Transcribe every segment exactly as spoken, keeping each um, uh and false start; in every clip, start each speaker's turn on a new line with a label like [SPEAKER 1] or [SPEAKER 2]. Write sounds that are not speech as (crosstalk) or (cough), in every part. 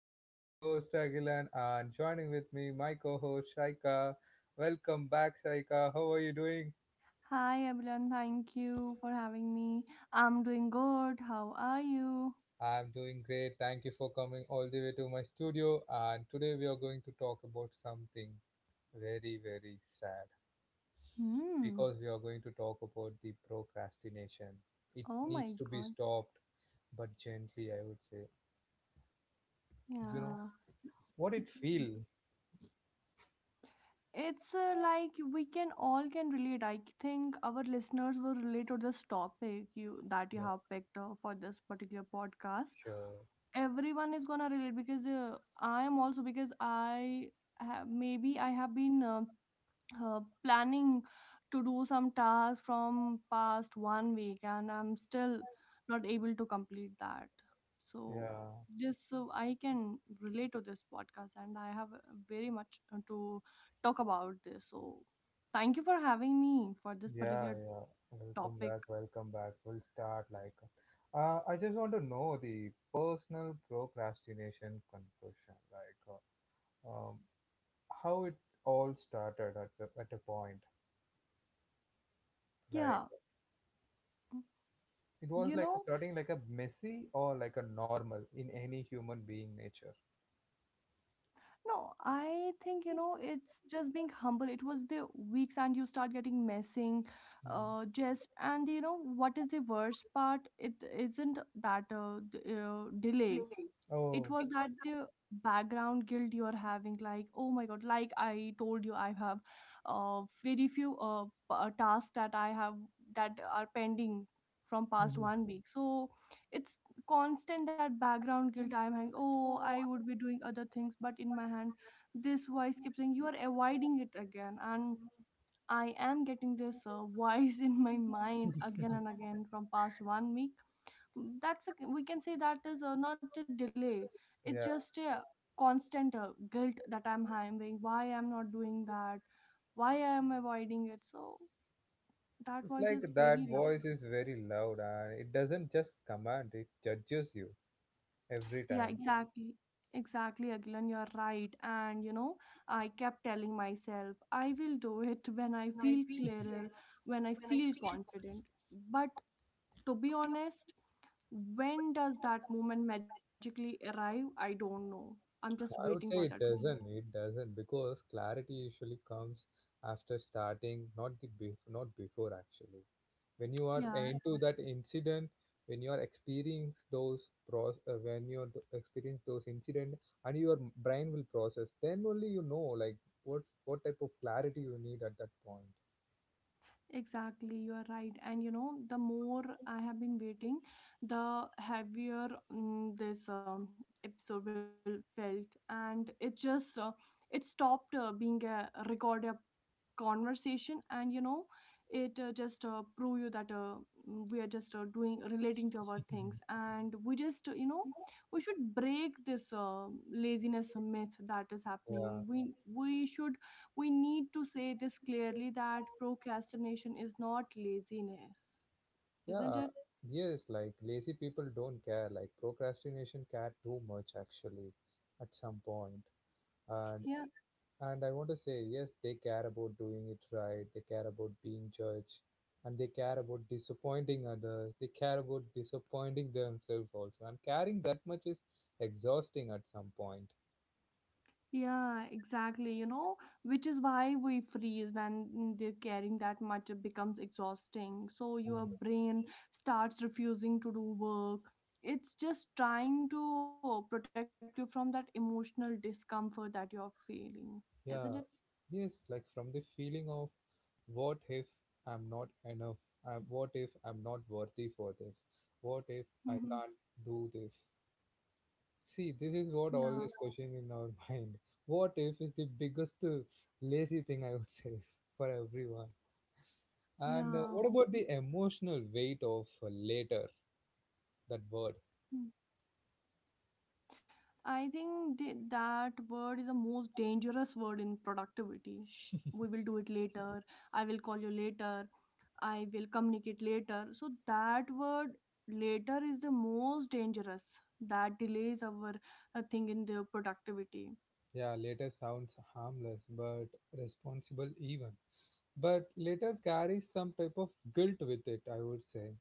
[SPEAKER 1] This is your host Agilan, and joining with me my co-host Shaika. Welcome back, Shaika. How are you doing?
[SPEAKER 2] Hi everyone, thank you for having me. I'm doing good. How are you?
[SPEAKER 1] I'm doing great. Thank you for coming all the way to my studio. And today we are going to talk about something very very sad
[SPEAKER 2] Hmm.
[SPEAKER 1] because we are going to talk about the procrastination. It
[SPEAKER 2] Oh
[SPEAKER 1] needs
[SPEAKER 2] my
[SPEAKER 1] to be
[SPEAKER 2] god.
[SPEAKER 1] stopped, but gently, I would say. You know
[SPEAKER 2] Yeah.
[SPEAKER 1] what it feel?
[SPEAKER 2] It's uh, like we can all can relate. I think our listeners will relate to this topic you that you
[SPEAKER 1] Yeah,
[SPEAKER 2] have picked uh, for this particular podcast.
[SPEAKER 1] sure.
[SPEAKER 2] Everyone is gonna relate because uh, I am also because I have maybe I have been uh, uh, planning to do some tasks from past one week, and I'm still not able to complete that, so
[SPEAKER 1] Yeah.
[SPEAKER 2] just so I can relate to this podcast. And I have uh, very much uh, to talk about this, so thank you for having me for this
[SPEAKER 1] Yeah,
[SPEAKER 2] particular
[SPEAKER 1] yeah. Welcome
[SPEAKER 2] topic.
[SPEAKER 1] back, welcome back. We'll start like uh, I just want to know the personal procrastination conversion, like uh, um, how it all started at the, at a point. Like
[SPEAKER 2] Yeah,
[SPEAKER 1] it was
[SPEAKER 2] you
[SPEAKER 1] like
[SPEAKER 2] know,
[SPEAKER 1] starting like a messy or like a normal in any human being nature.
[SPEAKER 2] no, I think you know it's just being humble. It was the weeks, and you start getting messing,
[SPEAKER 1] Mm.
[SPEAKER 2] uh, just and you know what is the worst part? It isn't that uh, d- uh, delay, it
[SPEAKER 1] Oh,
[SPEAKER 2] was that uh, background guilt you are having. Like, oh my god, like I told you, I have uh, very few uh, p- uh, tasks that I have that are pending from past
[SPEAKER 1] mhm.
[SPEAKER 2] one week. So it's constant, that background guilt I'm having. Oh, I would be doing other things, but in my hand this voice keeps saying you are avoiding it again. And I am getting this uh, (laughs) voice in my mind again and again from past one week. That's a, we can say that is uh, not a delay, it's
[SPEAKER 1] Yeah.
[SPEAKER 2] just a constant uh, guilt that I'm having. Why I'm not doing that? Why I'm avoiding it? So that
[SPEAKER 1] It's
[SPEAKER 2] voice
[SPEAKER 1] like
[SPEAKER 2] is
[SPEAKER 1] that
[SPEAKER 2] very loud.
[SPEAKER 1] voice is very loud and it doesn't just command, it judges you every
[SPEAKER 2] Yeah,
[SPEAKER 1] time.
[SPEAKER 2] exactly, exactly, Agilan, you're right. And you know, I kept telling myself I will do it (laughs) when I feel clearer, when I feel confident. But to be honest, when does that moment magically arrive? I don't know. I'm just waiting
[SPEAKER 1] I
[SPEAKER 2] for
[SPEAKER 1] would
[SPEAKER 2] that
[SPEAKER 1] say it
[SPEAKER 2] moment.
[SPEAKER 1] doesn't. It doesn't because clarity usually comes after starting, not the bef- not before actually. When you are
[SPEAKER 2] Yeah,
[SPEAKER 1] into that incident, when you are experience those process, uh, when you are th- experience those incident, and your m- brain will process, then only you know like what what type of clarity you need at that point.
[SPEAKER 2] exactly, you are right. And you know, the more I have been waiting, the heavier mm, this um, episode will felt, and it just uh, it stopped uh, being a record conversation. And you know it uh, just uh, prove you that uh, mm, we are just uh, doing relating to our things,
[SPEAKER 1] Mhm.
[SPEAKER 2] and we just uh, you know, we should break this uh, laziness myth that is
[SPEAKER 1] Yeah,
[SPEAKER 2] happening. We we should, we need to say this clearly, that procrastination is not laziness, isn't
[SPEAKER 1] yeah,
[SPEAKER 2] it?
[SPEAKER 1] yes, like lazy people don't care. Like procrastination care too much actually at some point, and
[SPEAKER 2] Yeah.
[SPEAKER 1] And I want to say, yes, they care about doing it right. They care about being judged. And they care about disappointing others. They care about disappointing themselves also. And caring that much is exhausting at some point.
[SPEAKER 2] Yeah, exactly. You know, which is why we freeze. When they're carrying that much, it becomes exhausting. So your
[SPEAKER 1] Mm.
[SPEAKER 2] brain starts refusing to do work. It's just trying to protect you from that emotional discomfort that you're feeling, isn't it?
[SPEAKER 1] Yeah. Yes, like from the feeling of what if I'm not enough? Um, what if I'm not worthy for this? What if I can't
[SPEAKER 2] Mm-hmm.
[SPEAKER 1] do this? See, this is what always
[SPEAKER 2] Yeah,
[SPEAKER 1] question in our (laughs) mind. What if is the biggest uh, lazy thing I would say (laughs) for everyone. And uh, what about the
[SPEAKER 2] yeah. We,
[SPEAKER 1] emotional weight of uh, later? That word,
[SPEAKER 2] Mm. I think th- that word is the most dangerous word in productivity. We will do it later. I will call you later. I will communicate later. So that word later is the most dangerous, that delays our uh, thing in the productivity.
[SPEAKER 1] yeah, later sounds harmless but responsible even. But later carries some type of guilt with it. I would say,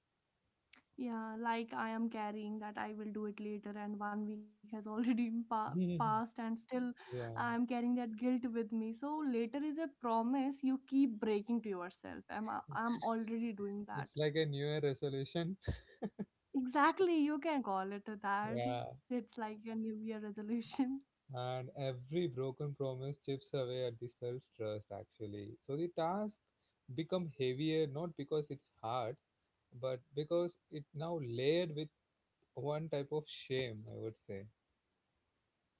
[SPEAKER 2] Yeah, like I am carrying that I will do it later, and one week has already (laughs) pa- passed, and
[SPEAKER 1] (laughs)
[SPEAKER 2] still
[SPEAKER 1] yeah,
[SPEAKER 2] I am carrying that guilt with me. So later is a promise you keep breaking to yourself. I'm I'm already doing that.
[SPEAKER 1] it's like a New Year resolution. (laughs)
[SPEAKER 2] Exactly, you can call it that.
[SPEAKER 1] Yeah,
[SPEAKER 2] It's like a New Year resolution. (laughs)
[SPEAKER 1] and every broken promise chips away at the self trust actually, so the task become heavier not because it's hard but because it now layered with one type of shame, I would say.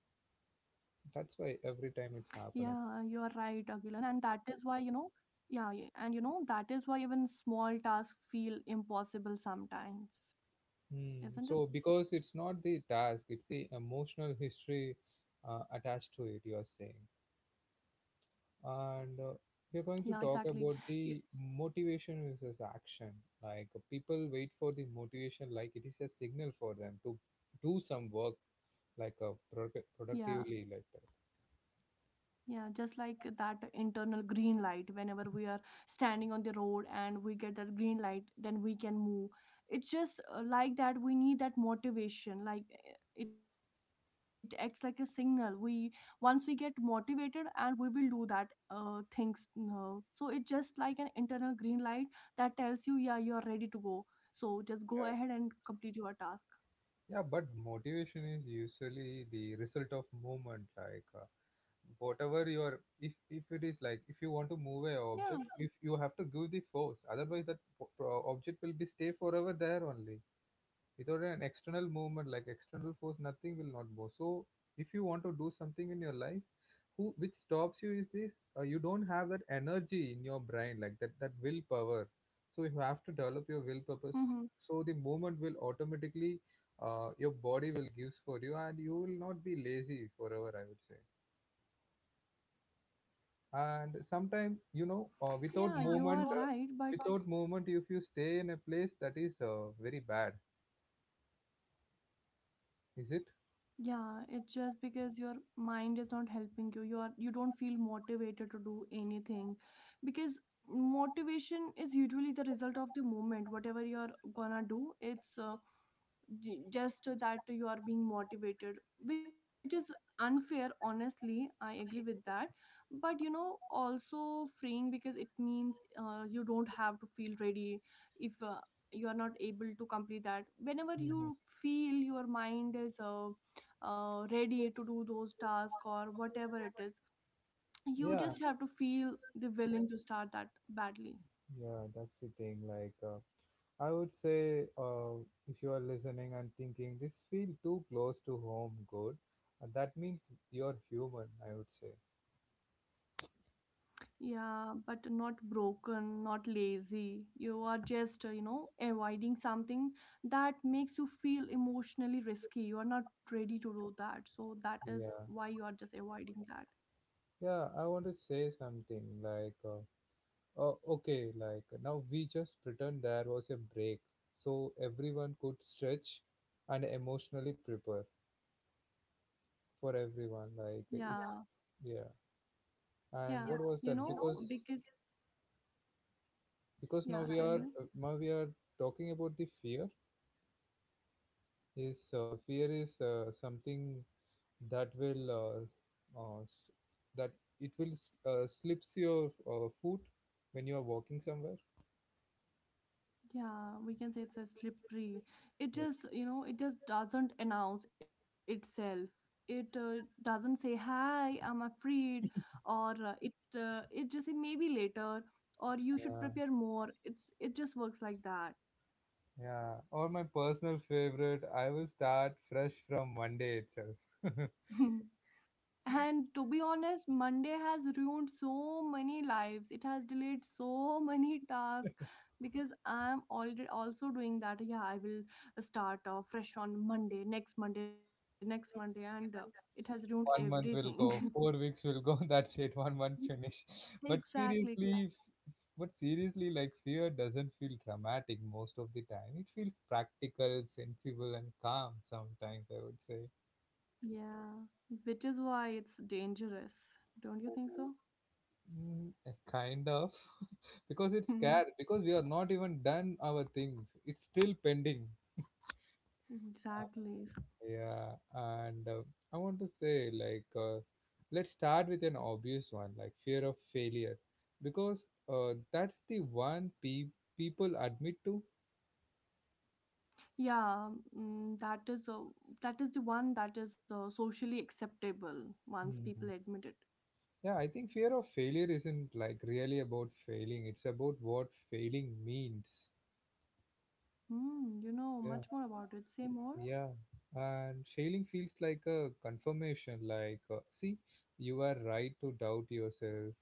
[SPEAKER 2] Yeah, you are
[SPEAKER 1] That's
[SPEAKER 2] right,
[SPEAKER 1] why every
[SPEAKER 2] Agilan,
[SPEAKER 1] time
[SPEAKER 2] and
[SPEAKER 1] it's
[SPEAKER 2] that is
[SPEAKER 1] happening.
[SPEAKER 2] why you know, yeah, y- and you know, that is why even small tasks feel impossible sometimes, isn't it?
[SPEAKER 1] Hmm. So because it's not the task, it's the emotional history uh, attached to it you are saying. And
[SPEAKER 2] Yeah,
[SPEAKER 1] uh,
[SPEAKER 2] exactly.
[SPEAKER 1] we're going to
[SPEAKER 2] Y-
[SPEAKER 1] talk about the motivation versus action. Like uh, people wait for the motivation like it is a signal for them to do some work like a product
[SPEAKER 2] Yeah.
[SPEAKER 1] productively like that.
[SPEAKER 2] Yeah, just like that internal green light. Whenever we are standing on the road and we get that green light, then we can move. It's just uh, like that, we need that motivation. Like eh, it acts like a signal. We Once we get motivated, and we will do that uh, things. No. So it's just like an internal green light that tells you, yeah, you're ready to go. So just go
[SPEAKER 1] Yeah.
[SPEAKER 2] ahead and complete your task.
[SPEAKER 1] Yeah, but motivation is usually the result of movement. Like uh, whatever your, if if it
[SPEAKER 2] Yeah.
[SPEAKER 1] is like if you want to move a object, if you have to give the force, otherwise that po- pro- object will be stay forever there only, without an external movement, like external force, nothing will not go. So if you want to do something in your life, who which stops you is this, uh, you don't have that energy in your brain, like that that willpower. So you have to develop your will purpose,
[SPEAKER 2] Mm-hmm.
[SPEAKER 1] so the movement will automatically, uh, your body will gives for you, and you will not be lazy forever, I would say. And
[SPEAKER 2] Yeah, you
[SPEAKER 1] sometimes
[SPEAKER 2] are
[SPEAKER 1] you know
[SPEAKER 2] right,
[SPEAKER 1] uh,
[SPEAKER 2] but
[SPEAKER 1] without movement, uh, right. Without movement, if you stay in a place, that is uh, very bad, is it?
[SPEAKER 2] yeah, it's just because your mind is not helping you. You are You don't feel motivated to do anything because motivation is usually the result of the moment. Whatever you're gonna do, it's uh, j- just that you are being motivated, which is unfair honestly, I agree with that. But you know also freeing, because it means uh, you don't have to feel ready if uh, you are not able to complete that. Whenever you feel your mind is uh, uh, ready to do those tasks or whatever it is, you
[SPEAKER 1] Yeah.
[SPEAKER 2] just have to feel the willing to start that badly.
[SPEAKER 1] Yeah, that's the thing. Like, uh, I would say, uh, if you are listening and thinking this feel too close to home, good, uh, that means you're human, I would say.
[SPEAKER 2] Yeah, but not broken, not lazy. You are just, uh, you know, avoiding something that makes you feel emotionally risky. You are not ready to do that. So that is
[SPEAKER 1] Yeah,
[SPEAKER 2] why you are just avoiding that.
[SPEAKER 1] yeah. I want to say something like, uh, oh, okay, like now we just pretend there was a break, so everyone could stretch and emotionally prepare for everyone. Like, if
[SPEAKER 2] Yeah,
[SPEAKER 1] yeah. And what
[SPEAKER 2] yeah.
[SPEAKER 1] yeah, was that you
[SPEAKER 2] You
[SPEAKER 1] know,
[SPEAKER 2] know,
[SPEAKER 1] because because
[SPEAKER 2] because,
[SPEAKER 1] because now yeah, we yeah,
[SPEAKER 2] yeah,
[SPEAKER 1] are
[SPEAKER 2] tell
[SPEAKER 1] good.
[SPEAKER 2] me.
[SPEAKER 1] Now we are talking about the fear. Is uh, Fear is uh, something that will uh, uh, s- that it will s- uh, slips your uh, foot when you are walking somewhere.
[SPEAKER 2] Yeah, we can say it's a slippery.
[SPEAKER 1] Like,
[SPEAKER 2] It just, you know, it just doesn't announce itself. It uh, doesn't say, "Hi, I'm afraid," or uh, it uh, it just say maybe later, or
[SPEAKER 1] yeah.
[SPEAKER 2] you should prepare more. It's, it just works like that.
[SPEAKER 1] Yeah, or my personal favorite, I will start fresh from Monday itself.
[SPEAKER 2] (laughs) And to be honest, Monday has ruined so many lives. It has delayed so (laughs) many tasks because I'm already also doing that. Yeah, I will start uh, fresh on Monday, next Monday, next Monday, and uh, it has ruined
[SPEAKER 1] One month
[SPEAKER 2] everything.
[SPEAKER 1] will
[SPEAKER 2] (laughs)
[SPEAKER 1] go, four (laughs) weeks will go, (laughs) that's it, one
[SPEAKER 2] Y-
[SPEAKER 1] month finish. (laughs) But
[SPEAKER 2] exactly, exactly.
[SPEAKER 1] seriously, but seriously, like fear doesn't feel dramatic most of the time. It feels practical, sensible, and calm sometimes, I would say.
[SPEAKER 2] Yeah, which is why it's dangerous. Don't you think so?
[SPEAKER 1] Mm, uh, kind of (laughs) because it's
[SPEAKER 2] (laughs)
[SPEAKER 1] scared because we are not even done our things, it's still pending.
[SPEAKER 2] Exactly.
[SPEAKER 1] Yeah, and uh, I want to say, like, uh, let's start with an obvious one, like fear of failure, because uh, that's the one pe people admit to.
[SPEAKER 2] Yeah, mm, that is uh, that is the one that is uh, socially acceptable once people
[SPEAKER 1] Mhm.
[SPEAKER 2] admit it.
[SPEAKER 1] Yeah, I think fear of failure isn't like really about failing, it's about what failing means.
[SPEAKER 2] Hmm, you know
[SPEAKER 1] Yeah,
[SPEAKER 2] much more about it. Say more.
[SPEAKER 1] yeah. And failing feels like a confirmation, like, uh, see, you are right to doubt yourself,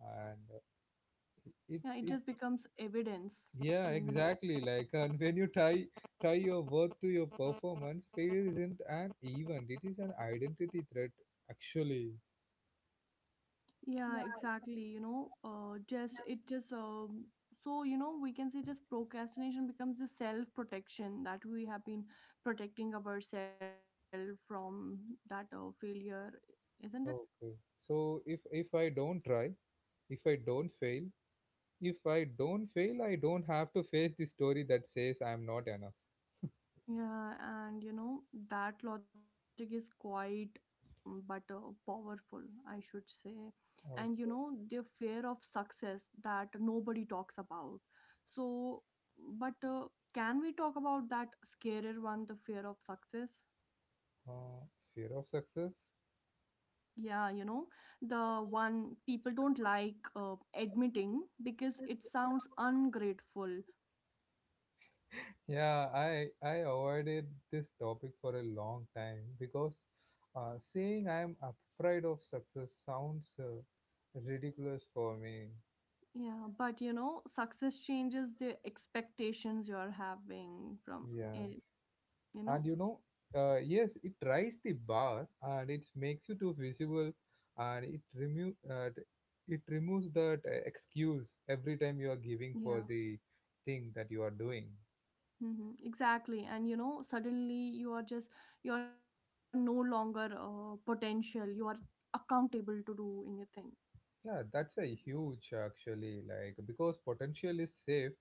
[SPEAKER 1] and uh, it,
[SPEAKER 2] Yeah, it
[SPEAKER 1] it
[SPEAKER 2] just becomes evidence
[SPEAKER 1] Yeah,
[SPEAKER 2] when you.
[SPEAKER 1] exactly. Like, and (laughs) when you tie tie your work to your performance, failure isn't an event; it is an identity threat, actually.
[SPEAKER 2] Yeah, exactly. You know, uh, just it just um so you know, we can say just procrastination becomes the self protection that we have been protecting ourselves from that uh, failure, isn't it?
[SPEAKER 1] Okay. So if if I don't try, if I don't fail, if I don't fail, I don't have to face the story that says I'm not enough.
[SPEAKER 2] Yeah, and you know, that logic is quite mm, but uh, powerful, I should say. And you know,
[SPEAKER 1] Okay.
[SPEAKER 2] the fear of success that nobody talks about. So, but uh, can we talk about that scarier one, the fear of success?
[SPEAKER 1] Uh, Fear of success.
[SPEAKER 2] Yeah, you know, the one people don't like uh, admitting because it sounds ungrateful.
[SPEAKER 1] Yeah, I I avoided this topic for a long time because uh, saying I'm afraid of success sounds uh, ridiculous for me.
[SPEAKER 2] Yeah, but you know, success changes the expectations you're having from
[SPEAKER 1] Yeah,
[SPEAKER 2] eh, you know.
[SPEAKER 1] and you know, uh, yes, it raises the bar and it makes you too visible, and it remove uh, t- it removes that uh, excuse every time you are giving for
[SPEAKER 2] Yeah.
[SPEAKER 1] the thing that you are doing.
[SPEAKER 2] Hmm, exactly. And you know, suddenly you are just, you are no longer uh, potential, you are accountable to do anything.
[SPEAKER 1] Yeah, that's a huge actually, like because potential is safe,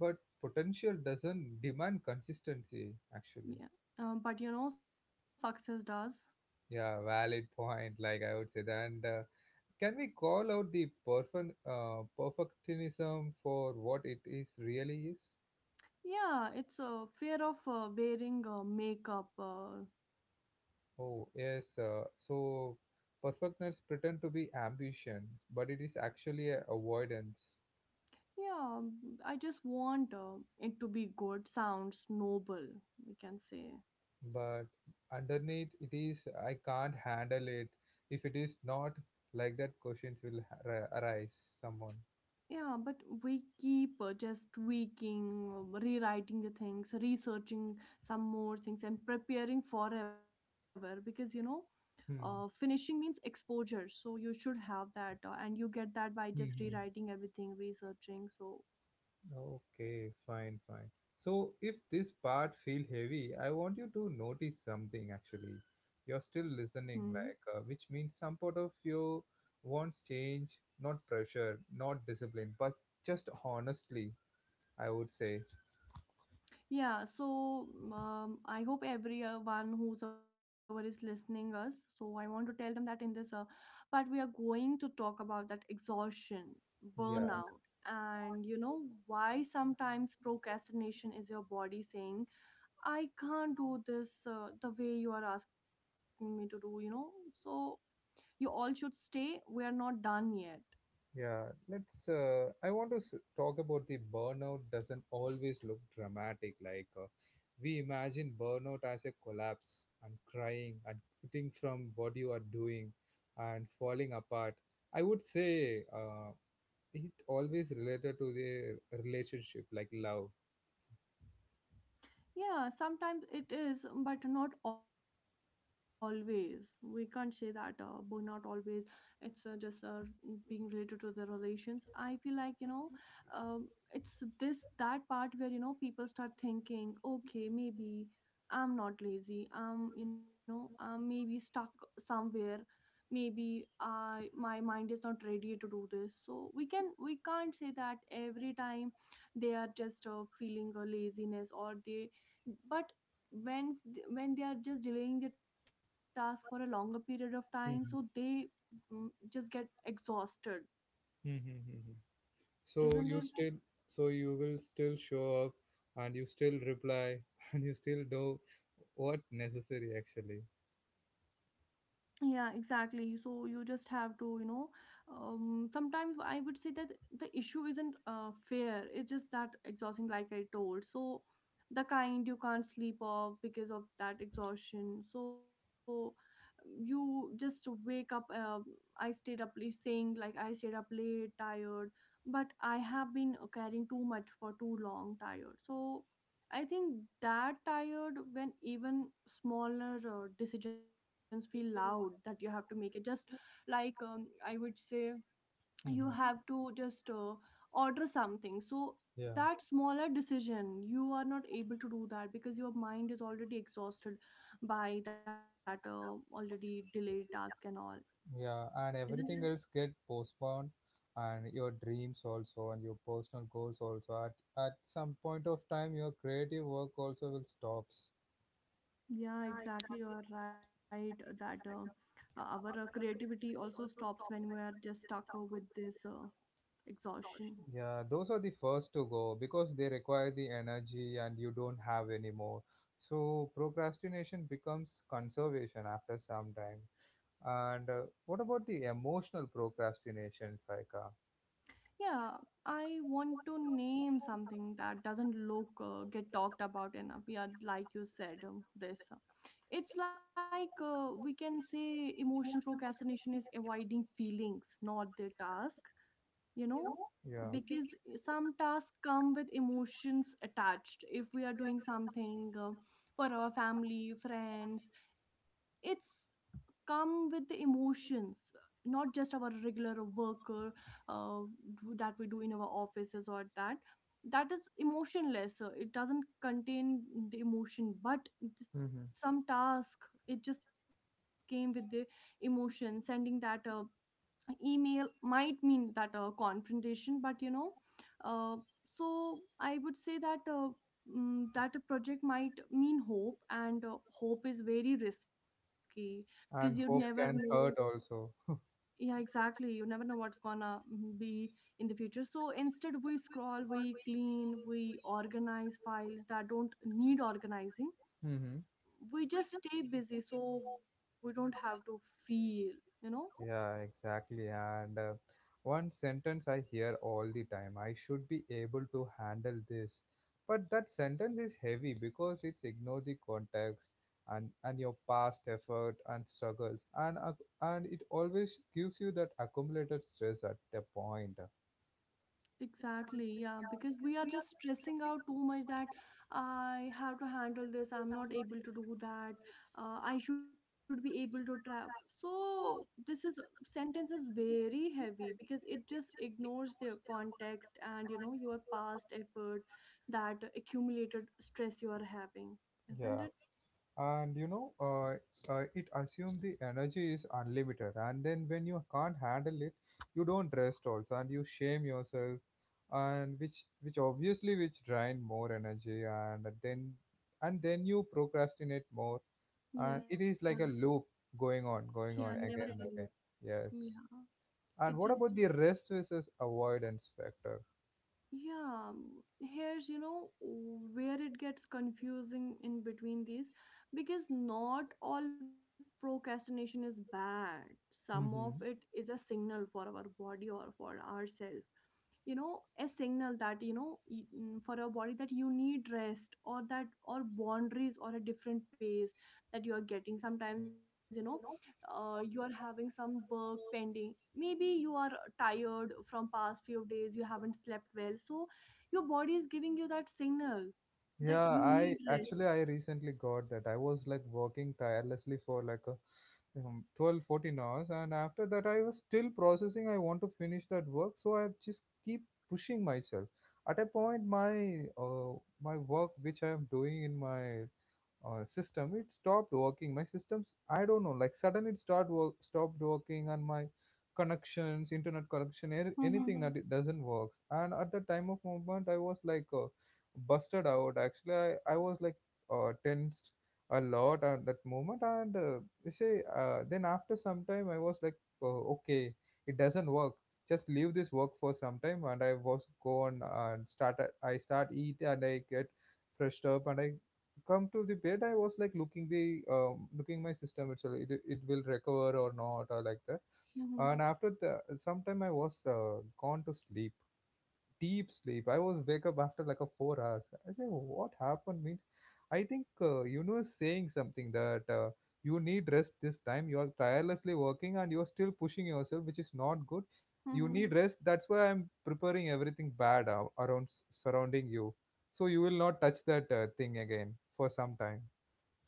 [SPEAKER 1] but potential doesn't demand consistency actually.
[SPEAKER 2] Yeah, um, but you know success does.
[SPEAKER 1] Yeah, valid point. Like I would say that. And uh, can we call out the perfect uh, perfectionism for what it is really is?
[SPEAKER 2] Yeah, it's a fear of uh, wearing uh, makeup, uh,
[SPEAKER 1] Oh yes. Uh, so perfectionists pretend to be ambition, but it is actually a avoidance.
[SPEAKER 2] yeah. I just want uh, it to be good sounds noble, we can say.
[SPEAKER 1] But underneath it is, I can't handle it if it is not, like that questions will ar- arise someone.
[SPEAKER 2] Yeah, but we keep uh, just tweaking, um, rewriting the things, researching some more things, and preparing forever because you know, uh, finishing
[SPEAKER 1] Hmm.
[SPEAKER 2] means exposure. So you should have that, uh, and you get that by just
[SPEAKER 1] Hmm.
[SPEAKER 2] rewriting everything, researching. So,
[SPEAKER 1] Okay, fine, fine. So if this part feel heavy, I want you to notice something actually. You're still
[SPEAKER 2] hmm.
[SPEAKER 1] listening, like uh, which means some part of you wants change, not pressure, not discipline, but just honestly, I would say.
[SPEAKER 2] Yeah, so um, I hope everyone whosoever is listening us. So I want to tell them that in this uh, part we are going to talk about that exhaustion,
[SPEAKER 1] Yeah.
[SPEAKER 2] burnout, and you know why sometimes procrastination is your body saying I can't do this uh, the way you are asking me to do. You know, so you all should stay. We are not done yet.
[SPEAKER 1] Yeah, let's. Uh, I want to s- talk about the burnout doesn't always look dramatic. Like uh, we imagine burnout as a collapse and crying and quitting from what you are doing and falling apart. I would say uh, it always related to the relationship, like love.
[SPEAKER 2] Yeah, sometimes it is, but not always. We can't say that uh, burnout always. It's uh, just uh, being related to the relations. I feel like you know, um, it's this that part where you know people start thinking, okay, maybe I'm not lazy. I'm you know, I'm maybe stuck somewhere. Maybe I my mind is not ready to do this. So we can we can't say that every time they are just uh, feeling a laziness or they, but when s- when they are just delaying the task for a longer period of time, so they
[SPEAKER 1] Mhm.
[SPEAKER 2] mm, just get exhausted,
[SPEAKER 1] Mhm, mhm.
[SPEAKER 2] isn't it?
[SPEAKER 1] So you still, so you will still show up, and you still reply, (laughs) and you still do what necessary actually.
[SPEAKER 2] Yeah, exactly. So you just have to, you know, um, sometimes I would say that the issue isn't uh, fair. It's just that exhausting, like I told. So the kind you can't sleep off because of that exhaustion. So you just wake up. Uh, I stayed up late, saying like I stayed up late, tired, but I have been carrying too much for too long, tired. So I think that tired when even smaller uh, decisions feel loud that you have to make it. Just like um, I would say, you have to just uh, order something. So
[SPEAKER 1] Yeah,
[SPEAKER 2] that smaller decision, you are not able to do that because your mind is already exhausted by that uh, already delayed task and all,
[SPEAKER 1] yeah,
[SPEAKER 2] isn't
[SPEAKER 1] and
[SPEAKER 2] it?
[SPEAKER 1] everything else get postponed, and your dreams also, and your personal goals also. At at some point of time, your creative work also will stops.
[SPEAKER 2] Yeah, exactly. You are right that uh, our uh, creativity also stops when we are just stuck uh, with this uh, exhaustion.
[SPEAKER 1] Yeah, those are the first to go because they require the energy and you don't have anymore. So procrastination becomes conservation after some time. And uh, what about the emotional procrastination, Saika?
[SPEAKER 2] Yeah, I want to name something that doesn't look uh, get talked about enough. Yeah, like you said, um, this. uh, It's like uh, we can say emotional procrastination is avoiding feelings, not their task you know
[SPEAKER 1] Yeah,
[SPEAKER 2] because some tasks come with emotions attached. If we are doing something uh, for our family friends, it's come with the emotions, not just our regular work, or, uh, do- that we do in our offices, or that that is emotionless. Uh, it doesn't contain the emotion, but this,
[SPEAKER 1] hmm,
[SPEAKER 2] some task, it just came with the emotion. Sending that uh, email might mean that uh, confrontation, but you know uh, so I would say that uh, mm, that a project might mean hope, and uh, hope is very risky because you never
[SPEAKER 1] and hope
[SPEAKER 2] know.
[SPEAKER 1] can hurt also.
[SPEAKER 2] Yeah, exactly, you never know what's gonna mm, be in the future. So instead, we scroll, we clean, we organize files that don't need organizing
[SPEAKER 1] Mm-hmm.
[SPEAKER 2] we just stay busy so we don't have to feel you know
[SPEAKER 1] Yeah, exactly. And uh, one sentence I hear all the time, I should be able to handle this. But that sentence is heavy because it's ignore the context and, and your past effort and struggles. And, uh, and it always gives you that accumulated stress at the point.
[SPEAKER 2] Exactly, yeah, because we are just stressing out too much that I have to handle this, I'm not able to do that, uh, I should be able to trap. So this is sentence is very heavy because it just ignores the context and you know your past effort, that accumulated stress you are having, isn't
[SPEAKER 1] Yeah.
[SPEAKER 2] it?
[SPEAKER 1] And you know uh, uh, it assumes the energy is unlimited, and then when you can't handle it, you don't rest also, and you shame yourself, and which which obviously which drain more energy, and then and then you procrastinate more, and
[SPEAKER 2] Yeah,
[SPEAKER 1] it is like a loop going
[SPEAKER 2] yeah,
[SPEAKER 1] on
[SPEAKER 2] never
[SPEAKER 1] going on
[SPEAKER 2] ending
[SPEAKER 1] again and
[SPEAKER 2] loop.
[SPEAKER 1] again. Yes.
[SPEAKER 2] Yeah,
[SPEAKER 1] And
[SPEAKER 2] it
[SPEAKER 1] what
[SPEAKER 2] just
[SPEAKER 1] about the rest versus avoidance factor?
[SPEAKER 2] yeah um, here's you know where it gets confusing in between these because not all procrastination is bad. Some of it
[SPEAKER 1] Hmm.
[SPEAKER 2] is a signal for our body or for ourselves, you know, a signal that you know y- mm, for your body that you need rest, or that, or boundaries, or a different pace that you are getting sometimes, you know, uh, you are having some work pending. Maybe you are tired from past few days, you haven't slept well, so your body is giving you that signal that
[SPEAKER 1] Yeah,
[SPEAKER 2] you
[SPEAKER 1] I
[SPEAKER 2] need rest.
[SPEAKER 1] actually I recently got that. I was like working tirelessly for like a um, twelve fourteen hours, and after that I was still processing. I want to finish that work, so I just keep pushing myself. At a point, my uh, my work which I am doing in my uh, system, it stopped working. My systems, I don't know, like suddenly it start work, stopped working, and my connections, internet connection, any-
[SPEAKER 2] Mm-hmm,
[SPEAKER 1] anything, that it doesn't work. And at the time of movement, I was like uh, busted out actually. I, I was like uh, tensed a lot at that moment. And uh, you say uh, then after some time I was like, uh, okay, it doesn't work, just leave this work for some time. And I was go on and start, I start eat, and I get freshed up, and I come to the bed. I was like looking the um, looking my system, actually it, it will recover or not, or like that.
[SPEAKER 2] mm-hmm,
[SPEAKER 1] And after the sometime, I was uh, gone to sleep, deep sleep. I was wake up after like a four hours. I say, what happened? Means I think uh, universe saying something, that uh, you need rest this time. You are tirelessly working and you are still pushing yourself, which is not good. You
[SPEAKER 2] mm-hmm.
[SPEAKER 1] need rest, that's why I'm preparing everything bad ar- around, surrounding you, so you will not touch that uh, thing again for some time.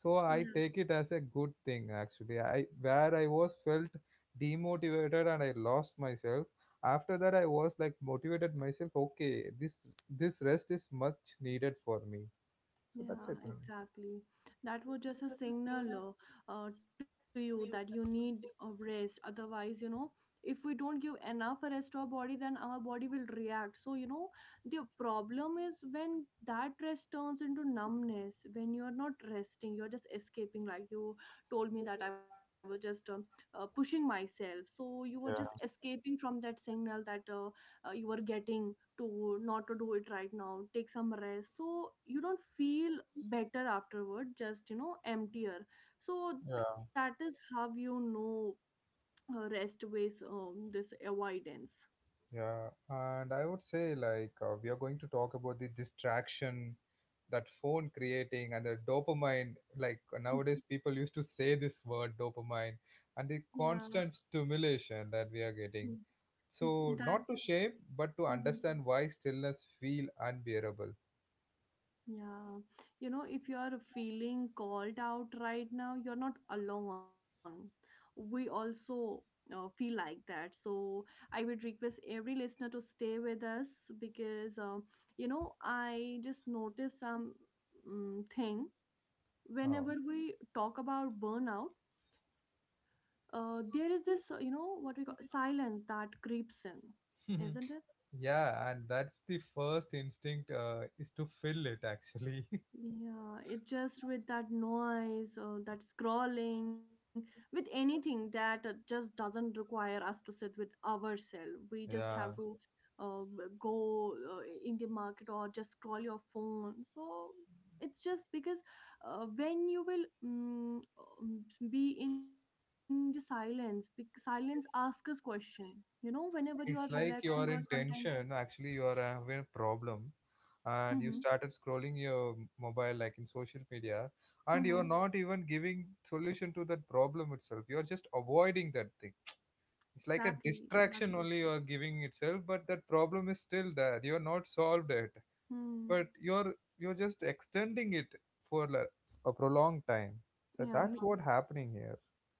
[SPEAKER 1] So I
[SPEAKER 2] Yeah.
[SPEAKER 1] take it as a good thing actually. I, where I was felt demotivated and I lost myself, after that I was like motivated myself, okay, this this rest is much needed for me. So that's
[SPEAKER 2] Yeah,
[SPEAKER 1] it only.
[SPEAKER 2] exactly. That was just a signal uh, uh, to you that you need a rest. Otherwise, you know, if we don't give enough rest to our body, then our body will react. So, you know, the problem is when that rest turns into numbness, when you're not resting, you're just escaping. Like you told me that I was just um, uh, pushing myself. So, you were just
[SPEAKER 1] Yeah,
[SPEAKER 2] escaping from that signal that uh, uh, you were getting to not to do it right now, take some rest. So you don't feel better afterward, just you know emptier. So that
[SPEAKER 1] yeah.
[SPEAKER 2] is how you know uh, rest ways um, this avoidance.
[SPEAKER 1] Yeah, and I would say like, uh, we are going to talk about the distraction that phone creating and the dopamine. Like
[SPEAKER 2] (laughs)
[SPEAKER 1] nowadays, people used to say this word dopamine and the
[SPEAKER 2] Yeah.
[SPEAKER 1] constant stimulation that we are getting.
[SPEAKER 2] Mm-hmm.
[SPEAKER 1] So,
[SPEAKER 2] That.
[SPEAKER 1] not to shame, but to
[SPEAKER 2] Mhm.
[SPEAKER 1] understand why stillness feel unbearable.
[SPEAKER 2] Yeah, you know, if you are feeling called out right now, you're not alone. We also uh, feel like that. So I would request every listener to stay with us because, um, you know, I just noticed some um, thing
[SPEAKER 1] Oh.
[SPEAKER 2] whenever we talk about burnout, uh, there is this, uh, you know, what we call silence that creeps in, isn't it?
[SPEAKER 1] (laughs) yeah, and that's the first instinct, uh, is to fill it actually.
[SPEAKER 2] Yeah, it just with that noise, uh, that scrolling, with anything that uh, just doesn't require us to sit with ourselves. We
[SPEAKER 1] (laughs)
[SPEAKER 2] just have
[SPEAKER 1] yeah.
[SPEAKER 2] to uh, b- go uh, in the market or just scroll your phone. So it's just because uh, when you will mm, um, be in the silence, bec- silence asks us question. You know, whenever you are
[SPEAKER 1] It's
[SPEAKER 2] relaxing or
[SPEAKER 1] like you are
[SPEAKER 2] sometimes.
[SPEAKER 1] in tension, actually, you are having a problem,
[SPEAKER 2] Mm-hmm,
[SPEAKER 1] and you started scrolling your m- mobile like in social media, and
[SPEAKER 2] mm-hmm.
[SPEAKER 1] you're not even giving solution to that problem itself. You're just avoiding that thing. It's
[SPEAKER 2] Exactly,
[SPEAKER 1] like a
[SPEAKER 2] exactly.
[SPEAKER 1] distraction only you are giving itself, but that problem is still there. You're not solved it.
[SPEAKER 2] Hmm.
[SPEAKER 1] But you're you're just extending it for like a prolonged time. So
[SPEAKER 2] Yeah.
[SPEAKER 1] that's what happening here.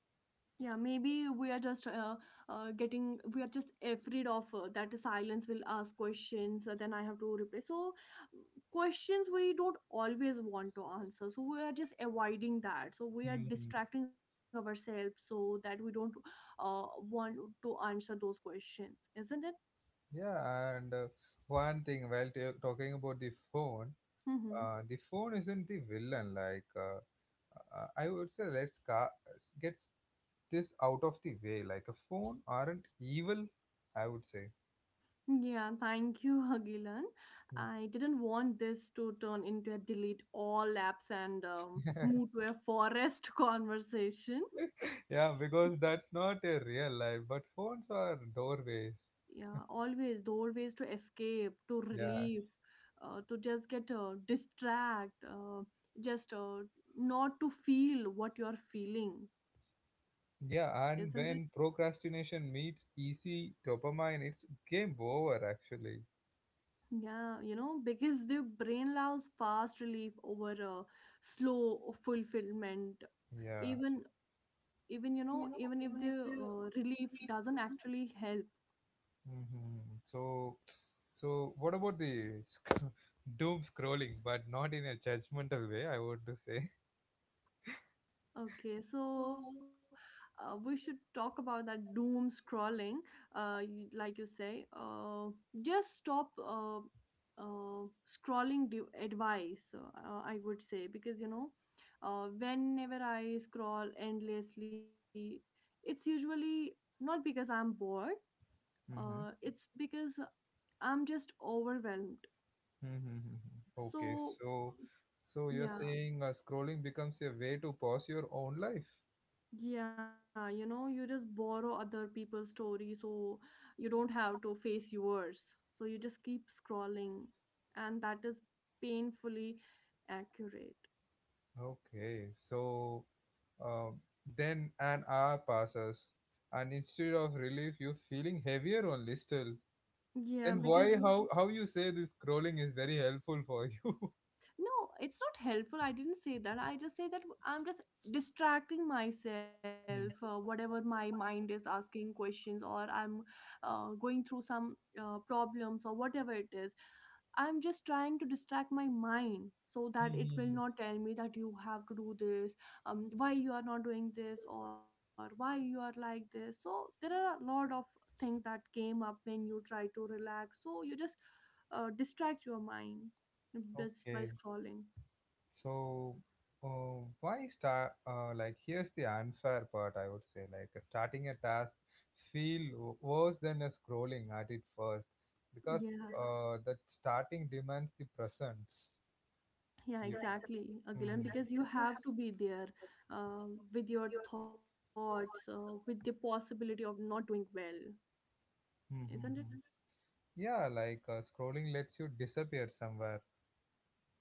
[SPEAKER 2] Yeah, maybe we are just uh, uh, getting, we are just afraid of uh, that silence will ask questions, uh, then I have to reply. So, questions we don't always want to answer. So, we are just avoiding that. So, we are
[SPEAKER 1] Mhm.
[SPEAKER 2] distracting ourselves so that we don't uh, want to answer those questions, isn't it?
[SPEAKER 1] Yeah, and uh, one thing while t- talking about the phone,
[SPEAKER 2] Mm-hmm.
[SPEAKER 1] uh, the phone isn't the villain like, uh, uh, I would say, let's ca- get this out of the way, like a phone aren't evil, I would say.
[SPEAKER 2] Yeah, thank you, (laughs) Hagilan. I didn't want this to turn into a delete all apps and um,
[SPEAKER 1] (laughs)
[SPEAKER 2] move to a forest (laughs) conversation.
[SPEAKER 1] yeah, because that's not a real life, but phones are doorways.
[SPEAKER 2] Yeah, always doorways to escape, to
[SPEAKER 1] Yeah.
[SPEAKER 2] relief, uh, to just get uh, distract, uh, just uh, not to feel what you are feeling, isn't it?
[SPEAKER 1] Yeah, and when procrastination meets easy dopamine, it's game over actually.
[SPEAKER 2] Yeah, you know, because the brain loves fast relief over uh, slow fulfillment.
[SPEAKER 1] Yeah.
[SPEAKER 2] Even even you know, even if the uh, relief doesn't actually help.
[SPEAKER 1] Hmm. So, so what about the sc- (laughs) doom scrolling, but not in a judgmental way, I want to say.
[SPEAKER 2] Okay, so uh, we should talk about that doom scrolling, uh, y- like you say. Uh, just stop uh, uh, scrolling d- advice, uh, uh, I would say, because you know, uh, whenever I scroll endlessly, it's usually not because I'm bored,
[SPEAKER 1] Mm-hmm.
[SPEAKER 2] uh, it's because I'm just overwhelmed.
[SPEAKER 1] Mm-hmm. Okay,
[SPEAKER 2] So,
[SPEAKER 1] so, so you're
[SPEAKER 2] yeah.
[SPEAKER 1] saying uh, scrolling becomes a way to pause your own life.
[SPEAKER 2] Yeah, you know, you just borrow other people's story so you don't have to face yours. So you just keep scrolling, and that is painfully accurate.
[SPEAKER 1] Okay, so, um, then an hour passes, and instead of relief, you're feeling heavier only still.
[SPEAKER 2] Yeah,
[SPEAKER 1] Then
[SPEAKER 2] because
[SPEAKER 1] why, how how you say this scrolling is very helpful for you? (laughs)
[SPEAKER 2] no, it's not helpful. I didn't say that. I just say that I'm just distracting myself, uh,
[SPEAKER 1] Hmm.
[SPEAKER 2] whatever my mind is asking questions, or I'm uh, going through some uh, problems, or whatever it is. I'm just trying to distract my mind so that it will not
[SPEAKER 1] Mm-hmm.
[SPEAKER 2] tell me that you have to do this, um, why you are not doing this, or why you are like this. So there are a lot of things that came up when you try to relax. So you just uh, distract your mind just by
[SPEAKER 1] Okay,
[SPEAKER 2] scrolling.
[SPEAKER 1] so uh, why start? Uh, like, here's the unfair part. I would say, like, uh, starting a task feel w- worse than a scrolling at it first, because,
[SPEAKER 2] Yeah,
[SPEAKER 1] yeah, uh, that starting demands the presence.
[SPEAKER 2] yeah,
[SPEAKER 1] You.
[SPEAKER 2] exactly, Agilan, because you
[SPEAKER 1] Mhm.
[SPEAKER 2] have to be there uh, with your thoughts, uh, with the possibility of not doing well,
[SPEAKER 1] Mhm,
[SPEAKER 2] isn't it?
[SPEAKER 1] mhm. Yeah, like uh, scrolling lets you disappear somewhere,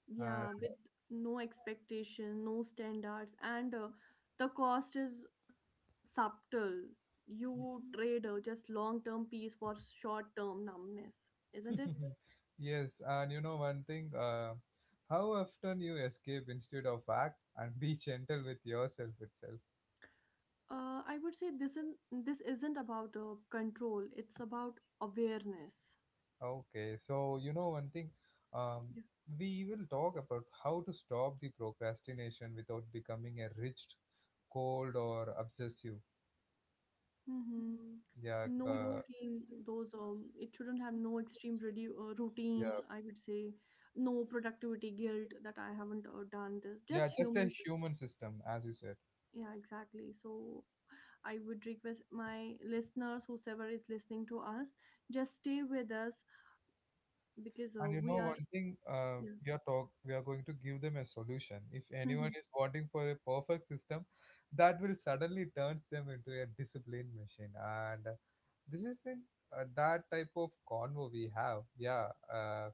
[SPEAKER 2] Yeah, with no expectation, no standards, and uh, the cost is subtle. You trade
[SPEAKER 1] and
[SPEAKER 2] uh, just long term peace for short term numbness, isn't it?
[SPEAKER 1] (laughs) yes, and you know one thing, uh, how often you escape instead of act and be (laughs) gentle with yourself itself.
[SPEAKER 2] Uh, I would say this isn't, this isn't about uh, control, it's about awareness.
[SPEAKER 1] Okay, so you know one thing, um,
[SPEAKER 2] Yeah.
[SPEAKER 1] we will talk about how to stop the procrastination without becoming a rich, cold, or obsessive.
[SPEAKER 2] Mm-hmm.
[SPEAKER 1] Yeah,
[SPEAKER 2] No
[SPEAKER 1] uh,
[SPEAKER 2] extreme, those um it shouldn't have no extreme redu- uh, routines,
[SPEAKER 1] yeah,
[SPEAKER 2] I would say, no productivity guilt that I haven't uh, done this,
[SPEAKER 1] yeah,
[SPEAKER 2] just
[SPEAKER 1] just a
[SPEAKER 2] humans is-
[SPEAKER 1] human system, as you said.
[SPEAKER 2] yeah, exactly. So I would request my listeners whosoever is listening to us, just stay with us because
[SPEAKER 1] And
[SPEAKER 2] uh,
[SPEAKER 1] you know
[SPEAKER 2] we are
[SPEAKER 1] one thing, uh,
[SPEAKER 2] yeah.
[SPEAKER 1] we are talk we are going to give them a solution. If anyone is
[SPEAKER 2] Mhm.
[SPEAKER 1] wanting for a perfect system, that will suddenly turns them into a disciplined machine. And uh, this is in uh, that type of convo we have. Yeah, uh,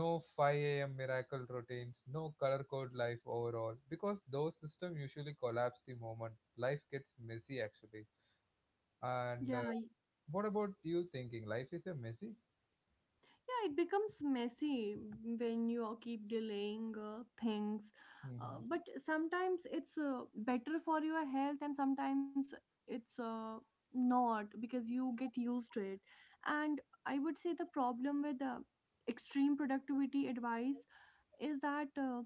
[SPEAKER 1] no five a m miracle routines, no color code life overall, because those systems usually collapse the moment life gets messy. Actually,
[SPEAKER 2] Yeah.
[SPEAKER 1] and uh, what about you thinking? Life is a messy.
[SPEAKER 2] Yeah, it becomes messy when you keep delaying uh, things, uh,
[SPEAKER 1] Mm-hmm.
[SPEAKER 2] but sometimes it's uh, better for your health, and sometimes it's uh, not, because you get used to it. And I would say the problem with uh, extreme productivity advice is that uh,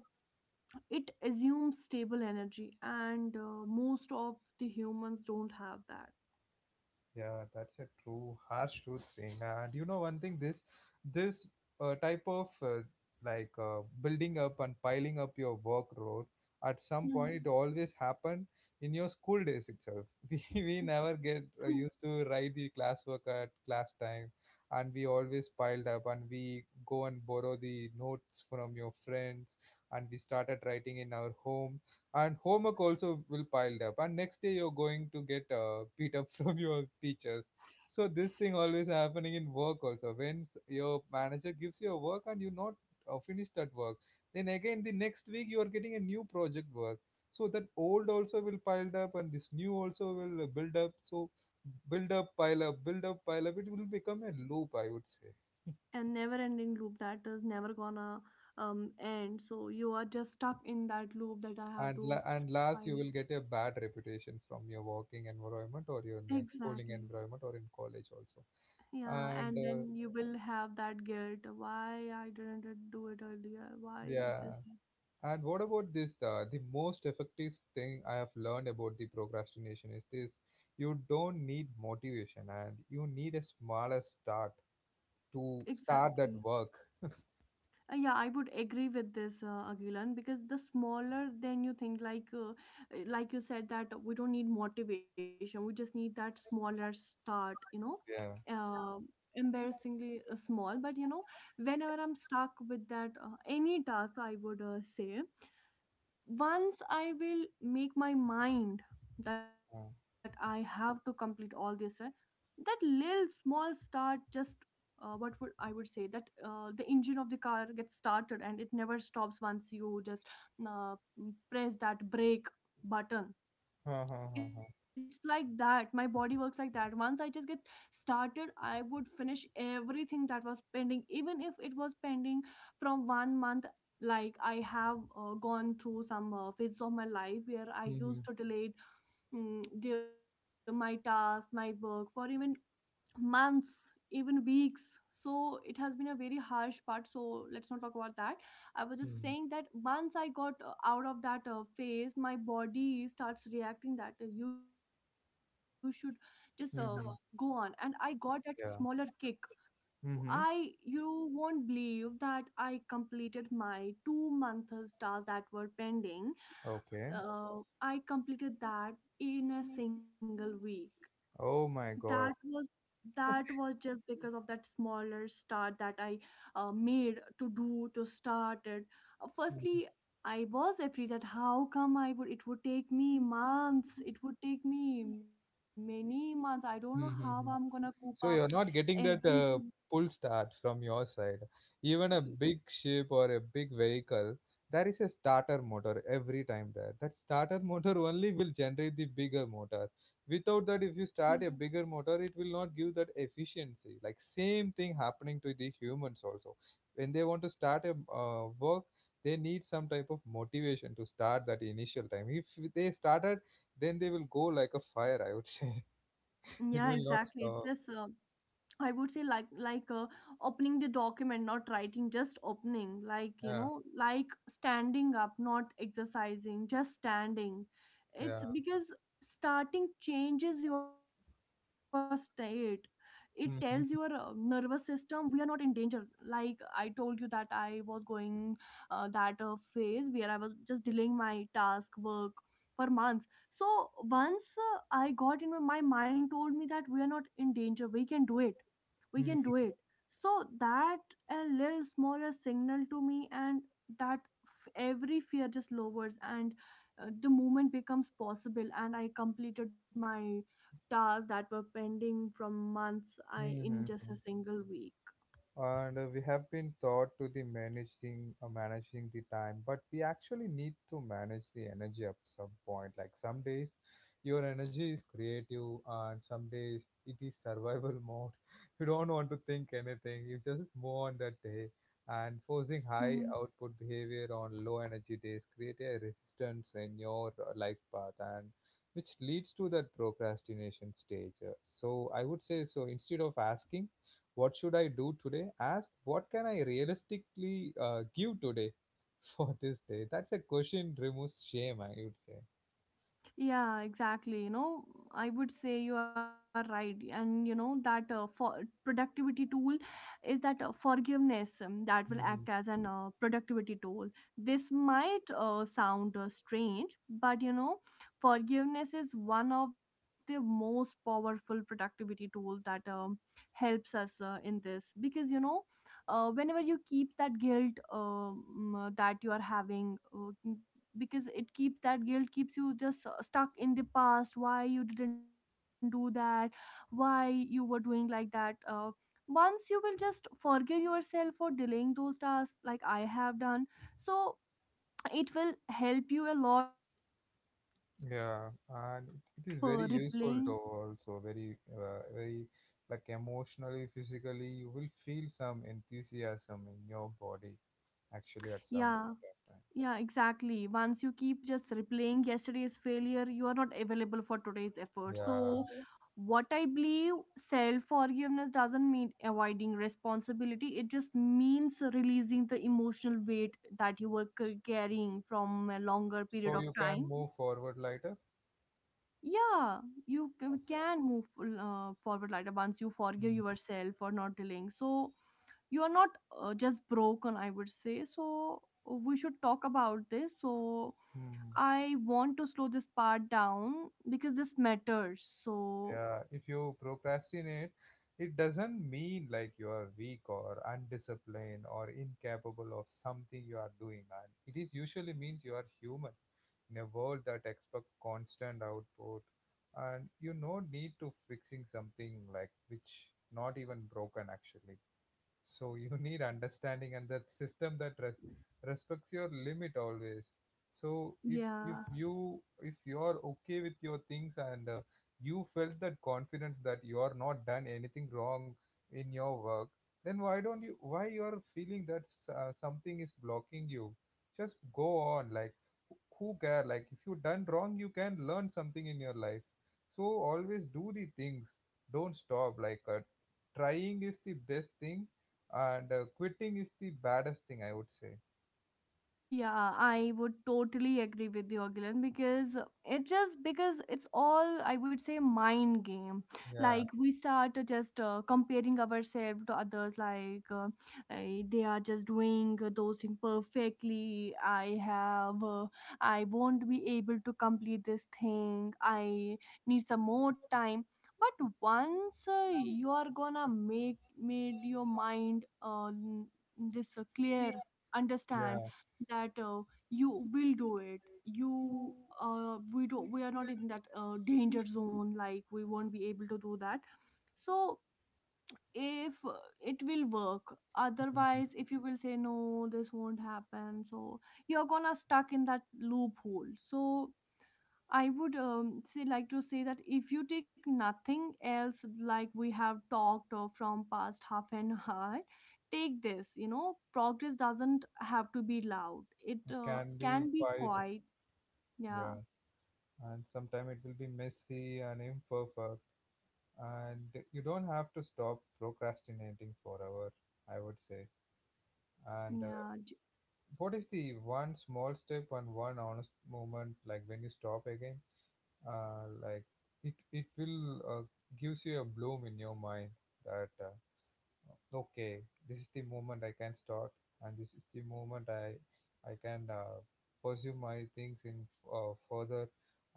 [SPEAKER 2] it assumes stable energy, and uh, most of the humans don't have that.
[SPEAKER 1] Yeah, that's a true harsh truth thing. And you know one thing, this this uh, type of, uh, like, uh, building up and piling up your workload at some point, it always happened in your school days itself. (laughs) We we never get uh,
[SPEAKER 2] Hmm.
[SPEAKER 1] used to write the classwork at class time, and we always piled up, and we go and borrow the notes from your friends, and we started writing in our home, and homework also will piled up, and next day you're going to get uh, beat up (laughs) from your teachers. So this thing always happening in work also, when s- your manager gives you a work and you not uh, finished that work, then again the next week you are getting a new project work. So that old also will piled up and this new also will uh, build up. So build up, pile up, build up, pile up, it will become a loop, I would say.
[SPEAKER 2] And never ending loop that is never gonna um, end, so you are just stuck in that loop that I have
[SPEAKER 1] And
[SPEAKER 2] to
[SPEAKER 1] la- and last, you
[SPEAKER 2] file,
[SPEAKER 1] will get a bad reputation from your working environment or your ne- schooling
[SPEAKER 2] exactly.
[SPEAKER 1] environment, or in college also.
[SPEAKER 2] Yeah,
[SPEAKER 1] And
[SPEAKER 2] and
[SPEAKER 1] uh,
[SPEAKER 2] then you will have that guilt, why I didn't do it earlier, why
[SPEAKER 1] yeah.
[SPEAKER 2] this
[SPEAKER 1] And what about this, uh, the most effective thing I have learned about the procrastination is this: you don't need motivation, and you need a smaller start
[SPEAKER 2] hap-
[SPEAKER 1] to start that
[SPEAKER 2] exactly.
[SPEAKER 1] work.
[SPEAKER 2] Uh, yeah, I would agree with this, uh, Agilan, because the smaller than you think, like uh, uh, like you said that we don't need motivation, we just need that smaller start, you know,
[SPEAKER 1] Yeah.
[SPEAKER 2] uh, embarrassingly uh, small. But you know, whenever I'm stuck with that uh, any task, I would uh, say once I will make my mind that I
[SPEAKER 1] Uh,
[SPEAKER 2] have to complete all this, right? That little small start just uh, what would I would say that uh, the engine of the car gets started and it never stops once you just uh, press that brake button.
[SPEAKER 1] huh, huh, huh, huh.
[SPEAKER 2] It's like that, my body works like that. Once I just get started, I would finish everything that was pending, even if it was pending from one month. Like I have uh, gone through some uh, phases of my life where I
[SPEAKER 1] Mhm,
[SPEAKER 2] used to delay mm, the, my tasks, my work for even months, even weeks. So it has been a very harsh part, so let's not talk about that. I was just
[SPEAKER 1] mhm,
[SPEAKER 2] saying that once I got uh, out of that uh, phase, my body starts reacting that uh, you should just uh, go on, and
[SPEAKER 1] mhm.
[SPEAKER 2] I got that smaller
[SPEAKER 1] Yeah.
[SPEAKER 2] kick.
[SPEAKER 1] Hmm.
[SPEAKER 2] I, you won't believe that I completed my two months tasks that were pending.
[SPEAKER 1] Okay.
[SPEAKER 2] uh, I completed that in a single week.
[SPEAKER 1] Oh my
[SPEAKER 2] That
[SPEAKER 1] god.
[SPEAKER 2] was that was just because of that smaller start that I uh, made to do to start it, uh, firstly. I was afraid that how come I would, it would take me months, it would take me many months, I don't know how I'm gonna
[SPEAKER 1] Mm-hmm.
[SPEAKER 2] coop up
[SPEAKER 1] So you're not getting that
[SPEAKER 2] everything.
[SPEAKER 1] uh, pull start from your side. Even a big ship or a big vehicle, there is a starter motor every time there. That starter (laughs) motor only will generate the bigger motor. Without that, if you start a bigger motor, it will not give that efficiency. Like same thing happening to the humans also. When they want to start a uh, work, they need some type of motivation to start that initial time. If they started, then they will go like a fire, I would (laughs) say. It
[SPEAKER 2] Yeah,
[SPEAKER 1] will not
[SPEAKER 2] exactly, it
[SPEAKER 1] stop.
[SPEAKER 2] just uh, I would say like like uh, opening the document, not writing, just opening. Like you
[SPEAKER 1] Yeah,
[SPEAKER 2] know, like standing up, not exercising, just standing. It's
[SPEAKER 1] yeah.
[SPEAKER 2] because starting changes your state. It tells your uh, nervous
[SPEAKER 1] Mm-hmm.
[SPEAKER 2] system we are not in danger. Like I told you that I was going uh, that uh, phase where I was just delaying my task work for months. So once uh, I got in, my mind told me that we are not in danger. We can do it, we can do it. So that a little smaller signal to me and that f- every fear just lowers, and uh, the movement becomes possible, and I completed my tasks that were pending from months, I in
[SPEAKER 1] Mm-hmm.
[SPEAKER 2] just a single week.
[SPEAKER 1] And uh, we have been taught to the managing uh, managing the time, but we actually need to manage the energy at some point. Like some days your energy is creative and some days it is survival (laughs) mode. You don't want to think anything, you just move on that day. And forcing high output behavior on low energy days create a resistance in your uh, life path, and which leads to that procrastination stage. Uh, so I would say, so instead of asking what should I do today, ask, what can I realistically uh, give today (laughs) for this day? That's a question removes shame, I would say.
[SPEAKER 2] Yeah, exactly. You know, I would say you are right. And you know, that uh, for productivity tool is that uh, forgiveness um, that will act as
[SPEAKER 1] Hmm.
[SPEAKER 2] an uh, productivity tool. This might uh, sound uh, strange, but you know, forgiveness is one of the most powerful productivity tool that um, helps us uh, in this because you know, uh, whenever you keep that guilt um, uh, that you are having. Uh, Because it keeps that guilt keeps you just uh, stuck in the past, why you didn't do that, why you were doing like that uh, Once you will just forgive yourself for delaying those tasks, like I have done. So it will help you a lot in this productivity. So
[SPEAKER 1] Yeah,
[SPEAKER 2] if
[SPEAKER 1] and
[SPEAKER 2] you
[SPEAKER 1] it
[SPEAKER 2] keep
[SPEAKER 1] is very
[SPEAKER 2] uh,
[SPEAKER 1] useful,
[SPEAKER 2] replaying
[SPEAKER 1] though also very uh, very, like emotionally, physically, you will feel some enthusiasm in your body actually at
[SPEAKER 2] yeah.
[SPEAKER 1] some point of time.
[SPEAKER 2] Yeah, exactly. Once you keep just replaying yesterday's failure, you are not available for today's effort. So,
[SPEAKER 1] Yeah.
[SPEAKER 2] what I believe, self forgiveness doesn't mean avoiding responsibility, it just means releasing the emotional weight that you were c- carrying from a longer
[SPEAKER 1] So
[SPEAKER 2] period of
[SPEAKER 1] you can
[SPEAKER 2] time.
[SPEAKER 1] move forward later.
[SPEAKER 2] Yeah, you c-
[SPEAKER 1] Okay.
[SPEAKER 2] can move uh, forward later, once you forgive yourself for not delaying. So, you are not uh, just broken, I would say. So, we should talk about this. So,
[SPEAKER 1] Mm-hmm.
[SPEAKER 2] I want to slow this part down because this matters. So,
[SPEAKER 1] Yeah, if you procrastinate, it doesn't mean like you are weak or undisciplined or incapable of something you are doing. And it is usually means you are human in a world that expects constant output, and you no need to fixing something like which not even broken actually. So (laughs) you need understanding and that system that res- respects your limit always. So if if
[SPEAKER 2] yeah.
[SPEAKER 1] you if you are okay with your things, and uh, you felt that confidence that you are not done anything wrong in your work, then why don't you, why you are feeling that s- uh, something is blocking you? Just go on like who who care. Like if you done wrong, you can learn something in your life. So always do the things. Don't stop, like, uh, trying is the best thing, and uh, quitting is the baddest thing, I would say.
[SPEAKER 2] Yeah, I would totally agree with you, Gilan, because it just because it's all, I would say, mind game.
[SPEAKER 1] Yeah.
[SPEAKER 2] Like we start uh, just uh, comparing ourselves to others, like uh, eh, they are just doing uh, those things perfectly. I have, uh, I won't be able to complete this thing. I need some more time. But once uh, you are gonna make made your mind uh, n- this uh, clear, understand
[SPEAKER 1] Yeah.
[SPEAKER 2] that uh, you will do it you uh, we don't We are not in that uh, danger zone, like we won't be able to do that. So if uh, it will work,
[SPEAKER 1] Mhm.
[SPEAKER 2] otherwise if you will say no, this won't happen, so you're gonna stuck in that loophole. So I would um, say like to say that if you take nothing else, like we have talked uh, from past half an (laughs) hour, take this. You know, progress doesn't have to be loud. It
[SPEAKER 1] It
[SPEAKER 2] uh,
[SPEAKER 1] can be
[SPEAKER 2] can be
[SPEAKER 1] quite.
[SPEAKER 2] quiet. Yeah,
[SPEAKER 1] Yeah, and sometimes it will be messy and imperfect, and you don't have to stop procrastinating forever, I would say. And uh,
[SPEAKER 2] yeah. j-
[SPEAKER 1] what is the one small step and one honest moment, like when you stop again, uh, like, it it will, uh, gives you a bloom in your mind, that uh, okay, this is the moment I can start, and this is the moment i I can, uh, pursue my things in, uh, further,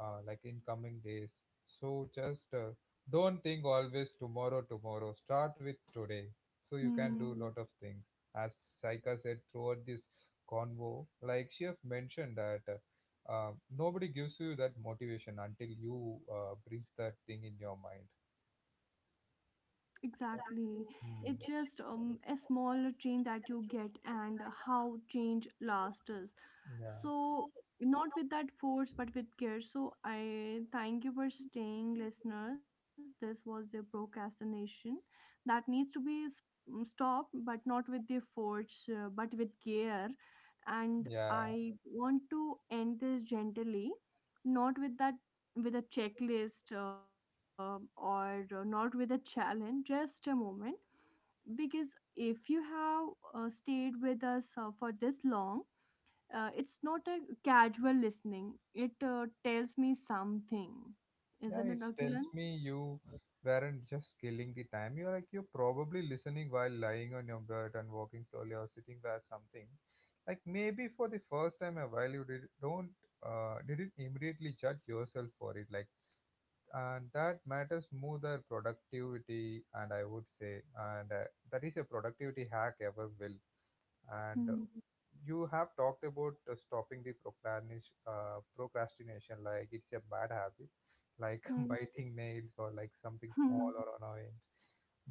[SPEAKER 1] uh, like in coming days. So just, uh, don't think always tomorrow, tomorrow, start with today, so you can do
[SPEAKER 2] Mm,
[SPEAKER 1] lot of things, as Saika said throughout this convo. Like she have mentioned that, uh, uh, nobody gives you that motivation until you uh, brings that thing in your mind.
[SPEAKER 2] exactly. It's
[SPEAKER 1] Mm.
[SPEAKER 2] just um, a small change that you get and how change lasts.
[SPEAKER 1] Yeah,
[SPEAKER 2] So, not with that force, but with care. So, I thank you for staying, listeners. This was the procrastination that needs to be s- mm, stopped, but not with the force, uh, but with care. And
[SPEAKER 1] yeah,
[SPEAKER 2] I want to end this gently, not with that with a checklist uh, or uh, not with a challenge, just a moment. Because if you have uh, stayed with us uh, for this long, uh, it's not a casual listening. It uh, tells me something,
[SPEAKER 1] yeah.
[SPEAKER 2] isn't it,
[SPEAKER 1] It tells
[SPEAKER 2] Akilan?
[SPEAKER 1] me you weren't just killing the time. You're like, you're probably listening while lying on your bed and walking slowly or sitting by something. Like maybe for the first time a while you did don't uh didn't immediately judge yourself for it. Like, and that matters more than productivity. And I would say, and uh, that is a productivity hack ever will. And uh,
[SPEAKER 2] Mm-hmm.
[SPEAKER 1] you have talked about uh, stopping the procrastinis- uh, procrastination, like it's a bad habit, like (laughs) biting nails or like something
[SPEAKER 2] Mm-hmm.
[SPEAKER 1] small or
[SPEAKER 2] (laughs)
[SPEAKER 1] annoying.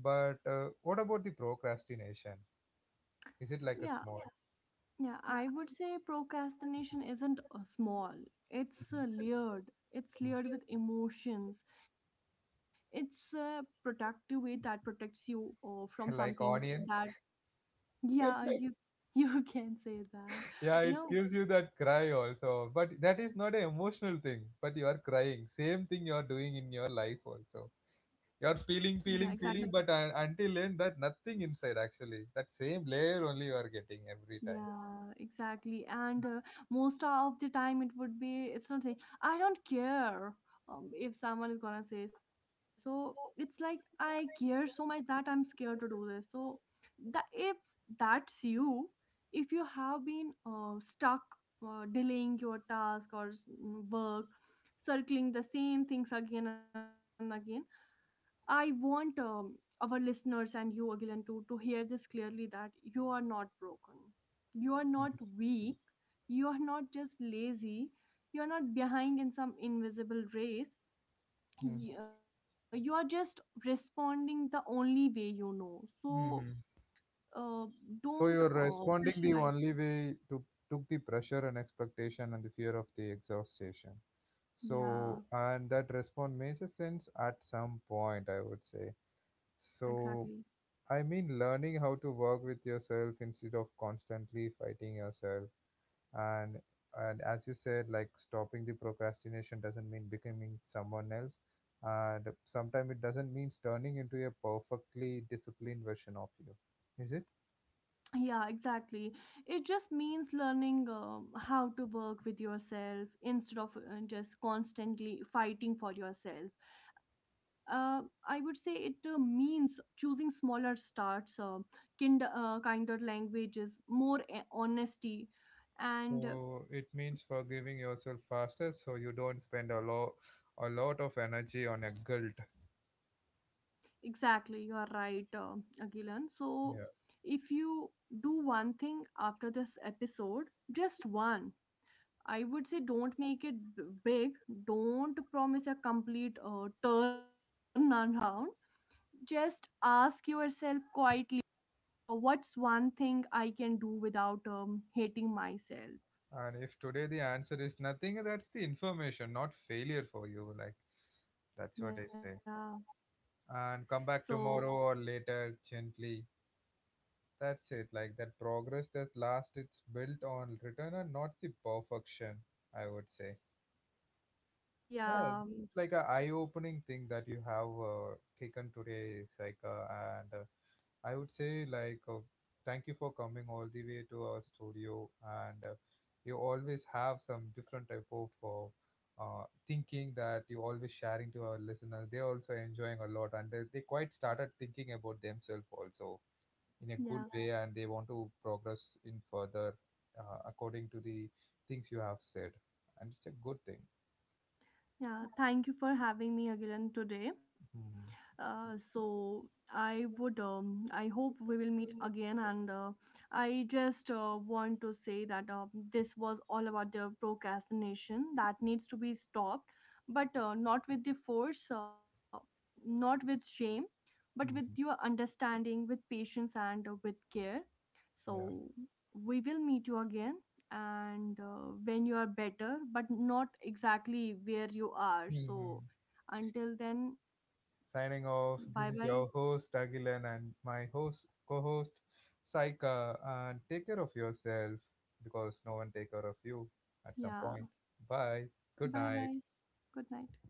[SPEAKER 1] But uh, what about the procrastination? Is it like a
[SPEAKER 2] Yeah,
[SPEAKER 1] small?
[SPEAKER 2] yeah. I would say procrastination isn't uh, small. It's
[SPEAKER 1] Mhm.
[SPEAKER 2] uh, layered. It's
[SPEAKER 1] Mm. (laughs)
[SPEAKER 2] layered with emotions. It's a productive way that protects you uh, from
[SPEAKER 1] like
[SPEAKER 2] something
[SPEAKER 1] onion.
[SPEAKER 2] that, yeah, you (laughs) you can say that,
[SPEAKER 1] Yeah,
[SPEAKER 2] you
[SPEAKER 1] it
[SPEAKER 2] know,
[SPEAKER 1] gives you that cry also, but that is not an emotional thing, but you are crying, same thing you are doing in your life also. You're
[SPEAKER 2] yeah,
[SPEAKER 1] peeling,
[SPEAKER 2] exactly.
[SPEAKER 1] peeling, peeling, but un- until then, that nothing inside actually. That same layer only you are getting every time.
[SPEAKER 2] Yeah, exactly. And uh, most of the time, it would be, it's not saying, I don't care, um, if someone is gonna say. So it's like, I care so much that I'm scared to do this. So that if that's you, if you have been uh, stuck uh, delaying your task or s- mm, work, circling the same things again and again, I want um, our listeners and you, Agilan, to, to hear this clearly that you are not broken. You are not weak. You are not just lazy. You are not behind in some invisible race.
[SPEAKER 1] Hmm.
[SPEAKER 2] You, you are just responding the only way you know. So
[SPEAKER 1] Hmm.
[SPEAKER 2] uh, don't
[SPEAKER 1] So you're
[SPEAKER 2] uh,
[SPEAKER 1] responding
[SPEAKER 2] pressurize.
[SPEAKER 1] the only way to took the pressure and expectation and the fear of the exhaustion.
[SPEAKER 2] Yeah,
[SPEAKER 1] So and that response makes a sense at some point, I would say.
[SPEAKER 2] yeah,
[SPEAKER 1] So
[SPEAKER 2] exactly.
[SPEAKER 1] I mean learning how to work with yourself instead of constantly fighting yourself. and and as you said, like stopping the procrastination doesn't mean becoming someone else, and sometimes it doesn't mean turning into a perfectly disciplined version of you, is it?
[SPEAKER 2] Yeah, exactly. It just means learning uh, how to work with yourself instead of uh, just constantly fighting for yourself. Uh, I would say it uh, means choosing smaller starts, uh, kind, uh, kinder languages, more a- honesty,
[SPEAKER 1] So
[SPEAKER 2] and uh,
[SPEAKER 1] it means forgiving yourself faster, so you don't spend a lot, a lot of energy on a guilt.
[SPEAKER 2] exactly, you are right, uh, Agilan. So, if you do one thing after this episode, just one, I would say, don't make it b- big. Don't promise a complete uh, turnaround. Just ask yourself quietly, uh, what's one thing I can do without um, hating myself?
[SPEAKER 1] Yeah. And if today the answer is nothing, that's the information, not failure for you. Like that's what I
[SPEAKER 2] Yeah.
[SPEAKER 1] say, and come
[SPEAKER 2] So,
[SPEAKER 1] back tomorrow or later gently. That's it, like that progress that last, it's built on return and not the perfection, I would say. Yeah,
[SPEAKER 2] yeah.
[SPEAKER 1] it's like a eye-opening thing that you have uh, taken today, Saika, and uh, I would say like, uh, thank you for coming all the way to our studio, and uh, you always have some different type of uh, uh, thinking that you always sharing to our listeners. They also enjoying a lot, and they, they quite started thinking about themselves also in a
[SPEAKER 2] Yeah.
[SPEAKER 1] good way, and they want to progress in further uh, according to the things you have said, and it's a good thing.
[SPEAKER 2] Yeah, thank you for having me again today.
[SPEAKER 1] Mhm.
[SPEAKER 2] Uh, so I would, um, I hope we will meet again. And uh, I just uh, want to say that uh, this was all about the procrastination that needs to be stopped, but uh, not with the force, uh, not with shame, but with your
[SPEAKER 1] Mhm.
[SPEAKER 2] understanding, with patience, and uh, with care.
[SPEAKER 1] Yeah.
[SPEAKER 2] So we will meet you again and uh, when you are better, but not exactly where you are. So
[SPEAKER 1] Mhm.
[SPEAKER 2] until then,
[SPEAKER 1] Signing
[SPEAKER 2] bye
[SPEAKER 1] off,
[SPEAKER 2] bye.
[SPEAKER 1] this is your host Agilan and my host co-host Saika, and take care of yourself, because no one take care of you at some point.
[SPEAKER 2] Yeah,
[SPEAKER 1] Bye. Good
[SPEAKER 2] bye
[SPEAKER 1] night.
[SPEAKER 2] bye. Good night.